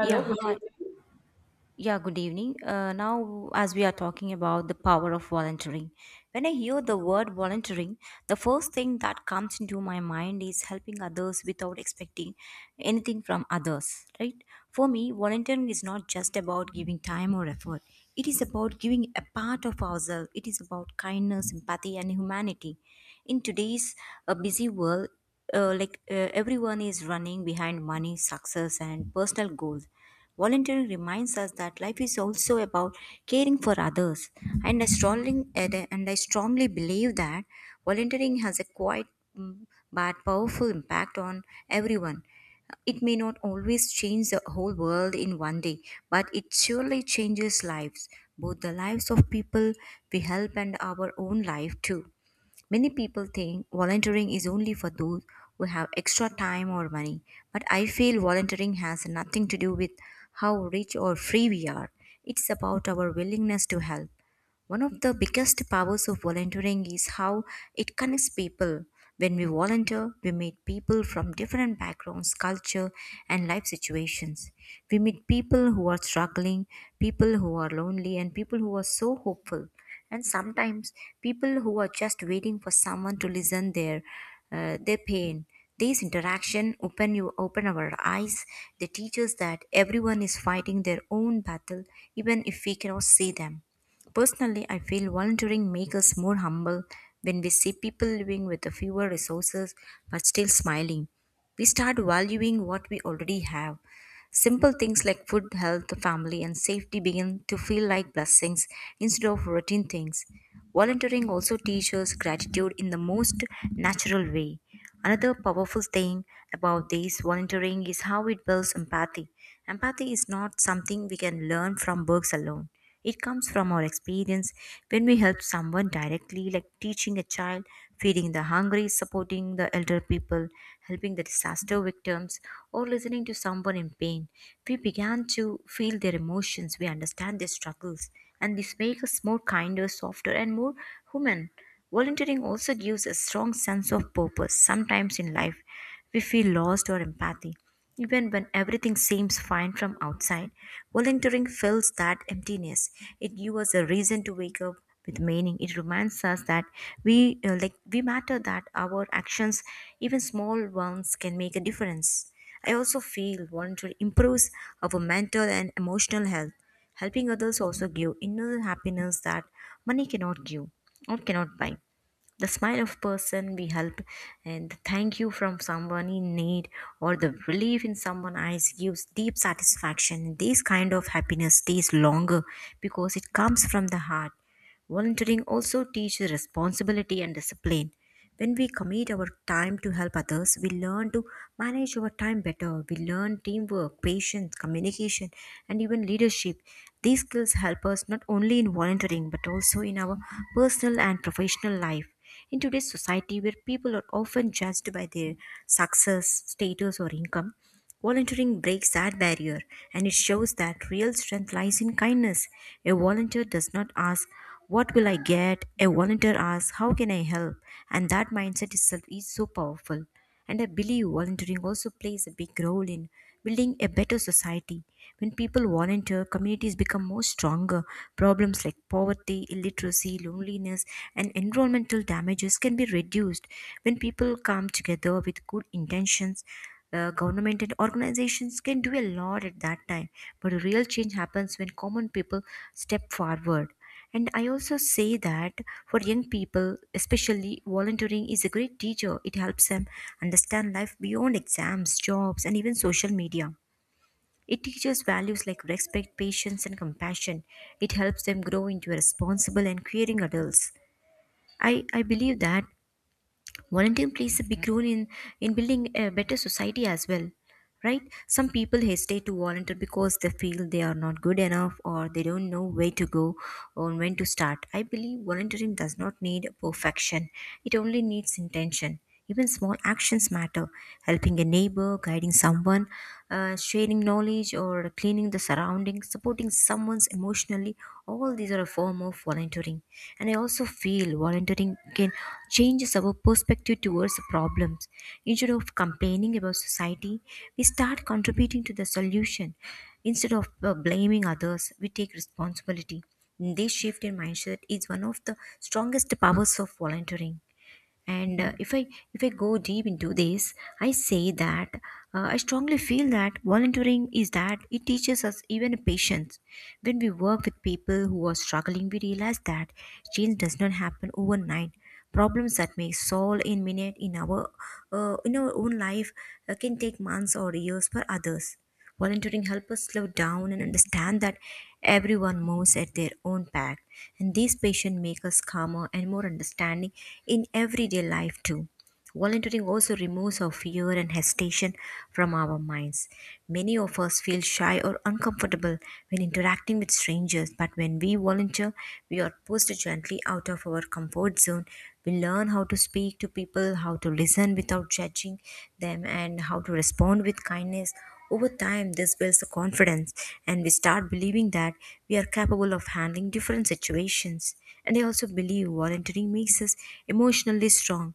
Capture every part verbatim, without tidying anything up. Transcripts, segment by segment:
Yeah, good hi. evening. Yeah, good evening. Uh, now, as we are talking about the power of volunteering, when I hear the word volunteering, the first thing that comes into my mind is helping others without expecting anything from others, right? For me, volunteering is not just about giving time or effort, it is about giving a part of ourselves, it is about kindness, empathy, and humanity. In today's uh, busy world, uh, like uh, everyone is running behind money, success, and personal goals. Volunteering reminds us that life is also about caring for others, and I strongly and I strongly believe that volunteering has a quite mm, but powerful impact on everyone. It may not always change the whole world in one day, but it surely changes lives, both the lives of people we help and our own life too. Many people think volunteering is only for those who have extra time or money, but I feel volunteering has nothing to do with how rich or free we are. It's about our willingness to help. One of the biggest powers of volunteering is how it connects people. When we volunteer, we meet people from different backgrounds, culture, and life situations. We meet people who are struggling, people who are lonely, and people who are so hopeful. And sometimes people who are just waiting for someone to listen their uh, their pain. These interaction open you open our eyes. They teach us that everyone is fighting their own battle, even if we cannot see them. Personally, I feel volunteering makes us more humble when we see people living with fewer resources but still smiling. We start valuing what we already have. Simple things like food, health, family, and safety begin to feel like blessings instead of routine things. Volunteering also teaches gratitude in the most natural way. Another powerful thing about this volunteering is how it builds empathy. Empathy is not something we can learn from books alone. It comes from our experience when we help someone directly, like teaching a child, feeding the hungry, supporting the elder people, helping the disaster victims, or listening to someone in pain. We began to feel their emotions, we understand their struggles, and this makes us more kinder, softer, and more human. Volunteering also gives a strong sense of purpose. Sometimes in life, we feel lost or empathy. Even when everything seems fine from outside, volunteering fills that emptiness. It gives us a reason to wake up with meaning. It reminds us that we uh, like we matter. That our actions, even small ones, can make a difference. I also feel volunteering improves our mental and emotional health. Helping others also give inner happiness that money cannot give or cannot buy the smile of person we help and the thank you from someone in need or the relief in someone eyes gives deep satisfaction. This kind of happiness stays longer because it comes from the heart. Volunteering also teaches responsibility and discipline. When we commit our time to help others, we learn to manage our time better. We learn teamwork, patience, communication, and even leadership. These skills help us not only in volunteering but also in our personal and professional life. In today's society, where people are often judged by their success, status, or income, volunteering breaks that barrier and it shows that real strength lies in kindness. A volunteer does not ask, what will I get? A volunteer asks, how can I help? And that mindset itself is so powerful. And I believe volunteering also plays a big role in building a better society. When people volunteer, communities become more stronger. Problems like poverty, illiteracy, loneliness, and environmental damages can be reduced. When people come together with good intentions, uh, government and organizations can do a lot at that time. But real change happens when common people step forward. And I also say that for young people, especially, volunteering is a great teacher. It helps them understand life beyond exams, jobs, and even social media. It teaches values like respect, patience, and compassion. It helps them grow into responsible and caring adults. I, I believe that volunteering plays a big role in, in building a better society as well, right? Some people hesitate to volunteer because they feel they are not good enough or they don't know where to go or when to start. I believe volunteering does not need perfection, it only needs intention. Even small actions matter. Helping a neighbor, guiding someone, uh, sharing knowledge, or cleaning the surroundings, supporting someone emotionally, all these are a form of volunteering. And I also feel volunteering can changes our perspective towards the problems. Instead of complaining about society, we start contributing to the solution. Instead of uh, blaming others, we take responsibility. This shift in mindset is one of the strongest powers of volunteering. And uh, if i if i go deep into this, I say that uh, I strongly feel that volunteering is that it teaches us even patience. When we work with people who are struggling, we realize that change does not happen overnight. Problems that may solve in minute in our uh, in our own life uh, can take months or years for others. Volunteering helps us slow down and understand that everyone moves at their own pace, and these patients make us calmer and more understanding in everyday life too. Volunteering also removes our fear and hesitation from our minds. Many of us feel shy or uncomfortable when interacting with strangers, but when we volunteer, we are pushed gently out of our comfort zone. We learn how to speak to people, how to listen without judging them, and how to respond with kindness. Over time this builds a confidence and we start believing that we are capable of handling different situations. And I also believe volunteering makes us emotionally strong.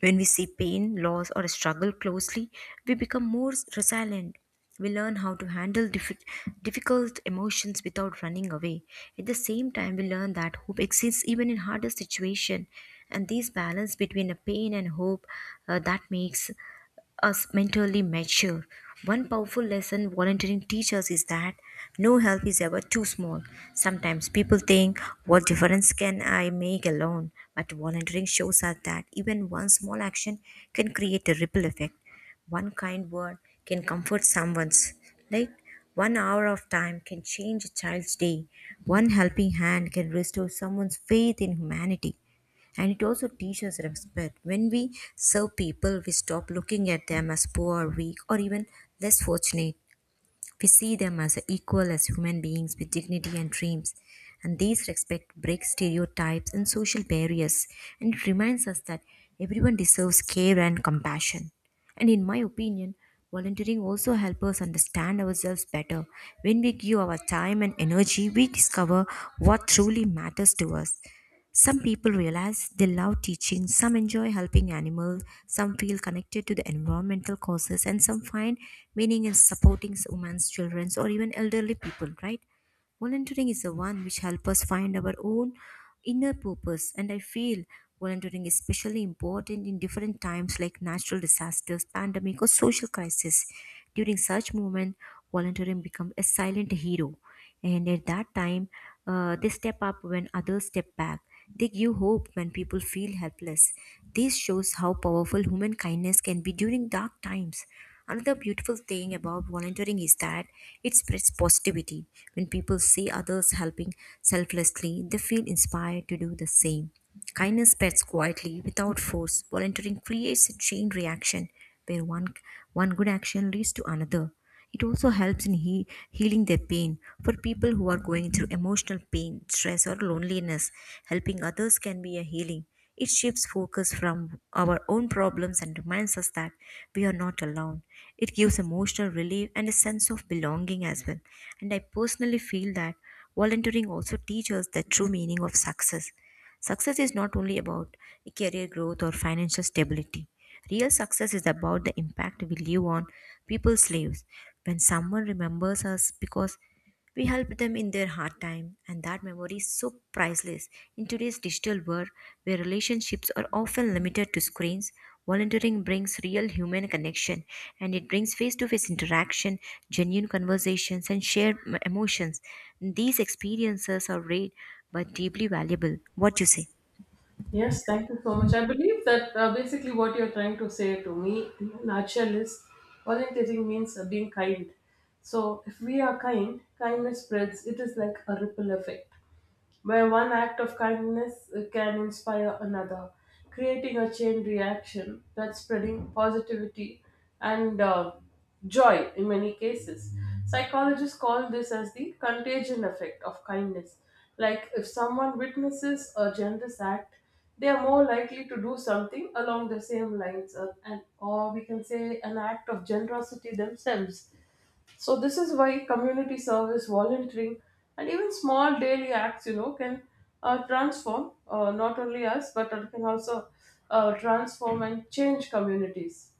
When we see pain, loss, or struggle closely, we become more resilient. We learn how to handle diffi- difficult emotions without running away. At the same time, we learn that hope exists even in harder situations. And this balance between a pain and hope, uh, that makes us mentally mature. One powerful lesson volunteering teaches is that no help is ever too small. Sometimes people think, what difference can I make alone? But volunteering shows us that even one small action can create a ripple effect. One kind word can comfort someone's, like one hour of time can change a child's day. One helping hand can restore someone's faith in humanity. And it also teaches respect. When we serve people, we stop looking at them as poor, weak, or even less fortunate. We see them as equal as human beings with dignity and dreams. And these respect breaks stereotypes and social barriers, and it reminds us that everyone deserves care and compassion. And in my opinion, volunteering also helps us understand ourselves better. When we give our time and energy, we discover what truly matters to us. Some people realize they love teaching, some enjoy helping animals, some feel connected to the environmental causes, and some find meaning in supporting women's childrens or even elderly people, right? Volunteering is the one which helps us find our own inner purpose, and I feel volunteering is especially important in different times like natural disasters, pandemic, or social crisis. During such moment, volunteering becomes a silent hero, and at that time, uh, they step up when others step back. They give hope when people feel helpless. This shows how powerful human kindness can be during dark times. Another beautiful thing about volunteering is that it spreads positivity. When people see others helping selflessly, they feel inspired to do the same. Kindness spreads quietly without force. Volunteering creates a chain reaction where one one good action leads to another. It also helps in he- healing their pain for people who are going through emotional pain, stress, or loneliness. Helping others can be a healing. It shifts focus from our own problems and reminds us that we are not alone. It gives emotional relief and a sense of belonging as well. And I personally feel that volunteering also teaches the true meaning of success. Success is not only about career growth or financial stability. Real success is about the impact we leave on people's lives. When someone remembers us because we helped them in their hard time, and that memory is so priceless. In today's digital world, where relationships are often limited to screens, volunteering brings real human connection and it brings face to face interaction, genuine conversations, and shared m- emotions. These experiences are rare but deeply valuable. What you say? Yes, thank you so much. I believe that uh, basically what you're trying to say to me in a nutshell is orientating means uh, being kind. So if we are kind, kindness spreads. It is like a ripple effect, where one act of kindness uh, can inspire another, creating a chain reaction that's spreading positivity and uh, joy in many cases. Psychologists call this as the contagion effect of kindness. Like if someone witnesses a generous act, they are more likely to do something along the same lines, uh, and or we can say an act of generosity themselves. So this is why community service, volunteering, and even small daily acts, you know, can uh, transform, uh, not only us, but it can also uh, transform and change communities.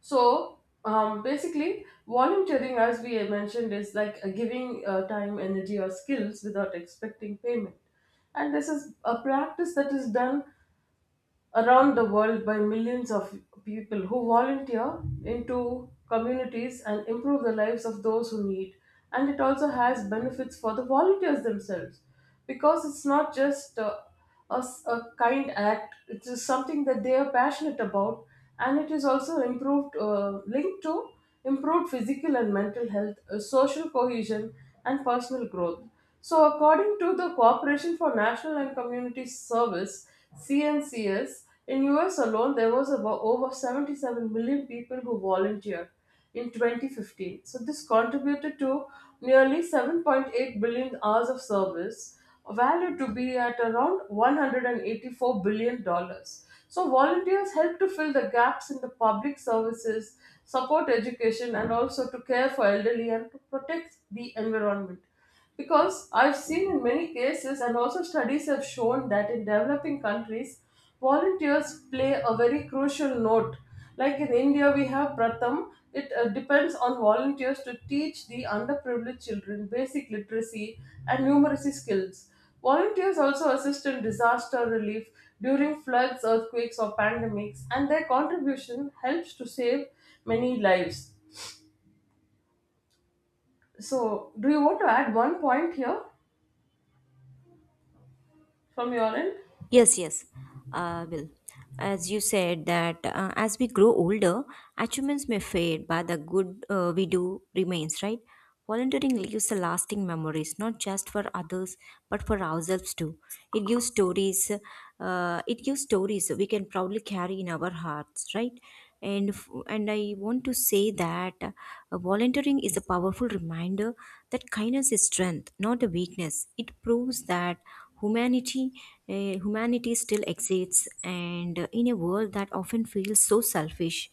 So um, basically, volunteering, as we mentioned, is like uh, giving uh, time, energy, or skills without expecting payment, and this is a practice that is done around the world by millions of people who volunteer into communities and improve the lives of those who need. And it also has benefits for the volunteers themselves, because it's not just uh, a, s- a kind act, it is something that they are passionate about, and it is also improved uh, linked to improved physical and mental health, uh, social cohesion, and personal growth. So, according to the Corporation for National and Community Service (C N C S) in U S alone, there was about over seventy-seven million people who volunteered in twenty fifteen. So, this contributed to nearly seven point eight billion hours of service valued to be at around one hundred eighty-four billion dollars. Dollars. So, volunteers help to fill the gaps in the public services, support education, and also to care for elderly and to protect the environment. Because I've seen in many cases, and also studies have shown that in developing countries, volunteers play a very crucial note. Like in India, we have Pratham. It uh, depends on volunteers to teach the underprivileged children basic literacy and numeracy skills. Volunteers also assist in disaster relief during floods, earthquakes, or pandemics, and their contribution helps to save many lives. So do you want to add one point here from your end? Yes, yes, uh, Bill. As you said that uh, as we grow older, achievements may fade, but the good uh, we do remains, right? Volunteering leaves a lasting memories, not just for others, but for ourselves too. It gives stories. Uh, it gives stories we can proudly carry in our hearts, right? and f- and I want to say that uh, volunteering is a powerful reminder that kindness is strength, not a weakness. It proves that humanity uh, humanity still exists, and uh, in a world that often feels so selfish.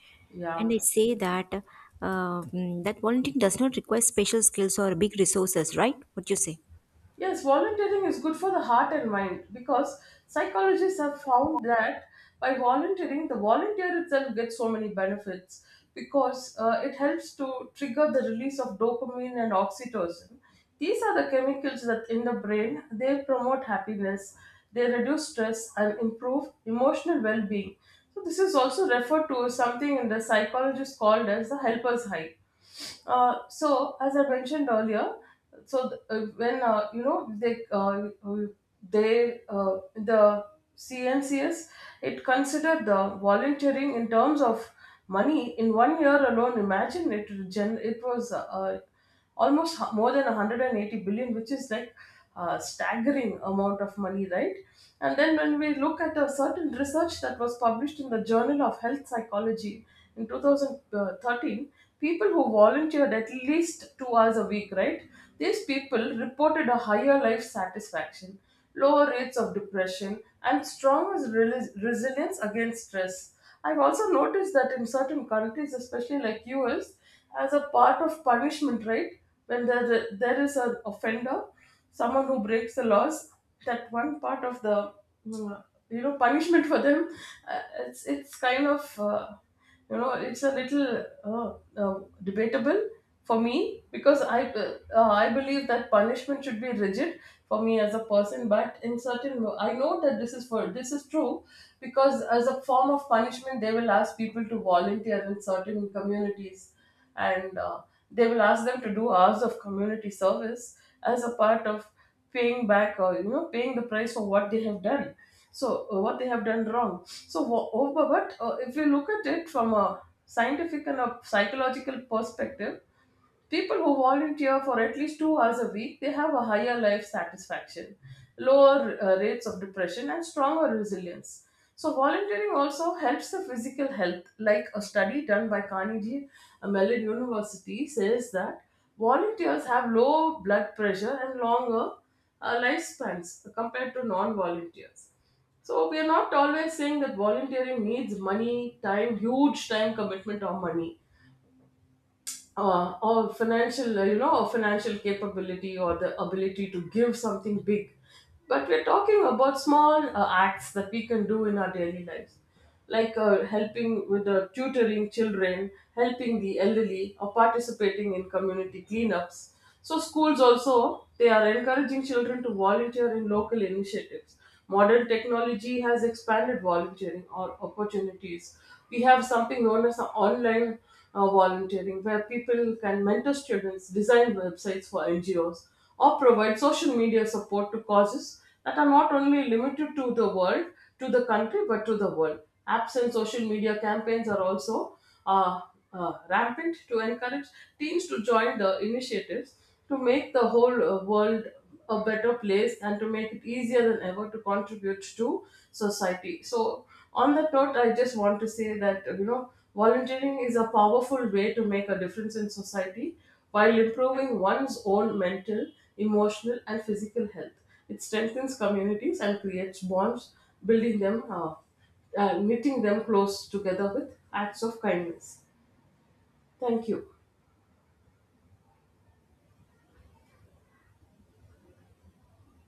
And Yeah. I say that uh, mm, that volunteering does not require special skills or big resources, right? What you say? Yes, volunteering is good for the heart and mind, because psychologists have found that by volunteering, the volunteer itself gets so many benefits, because uh, it helps to trigger the release of dopamine and oxytocin. These are the chemicals that in the brain they promote happiness, they reduce stress, and improve emotional well being. So, this is also referred to as something in the psychologist called as the helper's high. Uh, so, as I mentioned earlier, so uh, when uh, you know they uh, uh, they uh, the C N C S, it considered the volunteering in terms of money in one year alone. Imagine, it gen- it was uh, uh, almost h- more than one hundred eighty billion, which is like a staggering amount of money, right? And then, when we look at a certain research that was published in the Journal of Health Psychology in two thousand thirteen, people who volunteered at least two hours a week, right? These people reported a higher life satisfaction, lower rates of depression, and stronger rel- resilience against stress. I've also noticed that in certain countries, especially like U S, as a part of punishment, right? When there, there is an offender, someone who breaks the laws, that one part of the mm, you know, punishment for them, uh, it's it's kind of uh, you know, it's a little uh, uh, debatable for me, because I uh, uh, I believe that punishment should be rigid for me as a person. But in certain, I know that this is for this is true, because as a form of punishment, they will ask people to volunteer in certain communities, and uh, they will ask them to do hours of community service as a part of paying back, or you know, paying the price for what they have done. So uh, what they have done wrong. So wha- oh, but but, uh, if you look at it from a scientific and a psychological perspective, people who volunteer for at least two hours a week, they have a higher life satisfaction, lower uh, rates of depression, and stronger resilience. So volunteering also helps the physical health. Like a study done by Carnegie uh, Mellon University says that volunteers have low blood pressure and longer uh, lifespans compared to non-volunteers. So we are not always saying that volunteering needs money, time, huge time commitment or money, uh, or financial, uh, you know, or financial capability, or the ability to give something big, but we're talking about small uh, acts that we can do in our daily lives, like uh, helping with the tutoring children, helping the elderly, or participating in community cleanups. So schools also, they are encouraging children to volunteer in local initiatives. Modern technology has expanded volunteering or opportunities. We have something known as online uh, volunteering, where people can mentor students, design websites for N G Os, or provide social media support to causes that are not only limited to the world, to the country, but to the world. Apps and social media campaigns are also uh, uh, rampant to encourage teens to join the initiatives to make the whole uh, world a better place, and to make it easier than ever to contribute to society. So, on that note, I just want to say that you know, volunteering is a powerful way to make a difference in society while improving one's own mental, emotional, and physical health. It strengthens communities and creates bonds, building them. Uh, uh, knitting them close together with acts of kindness. Thank you.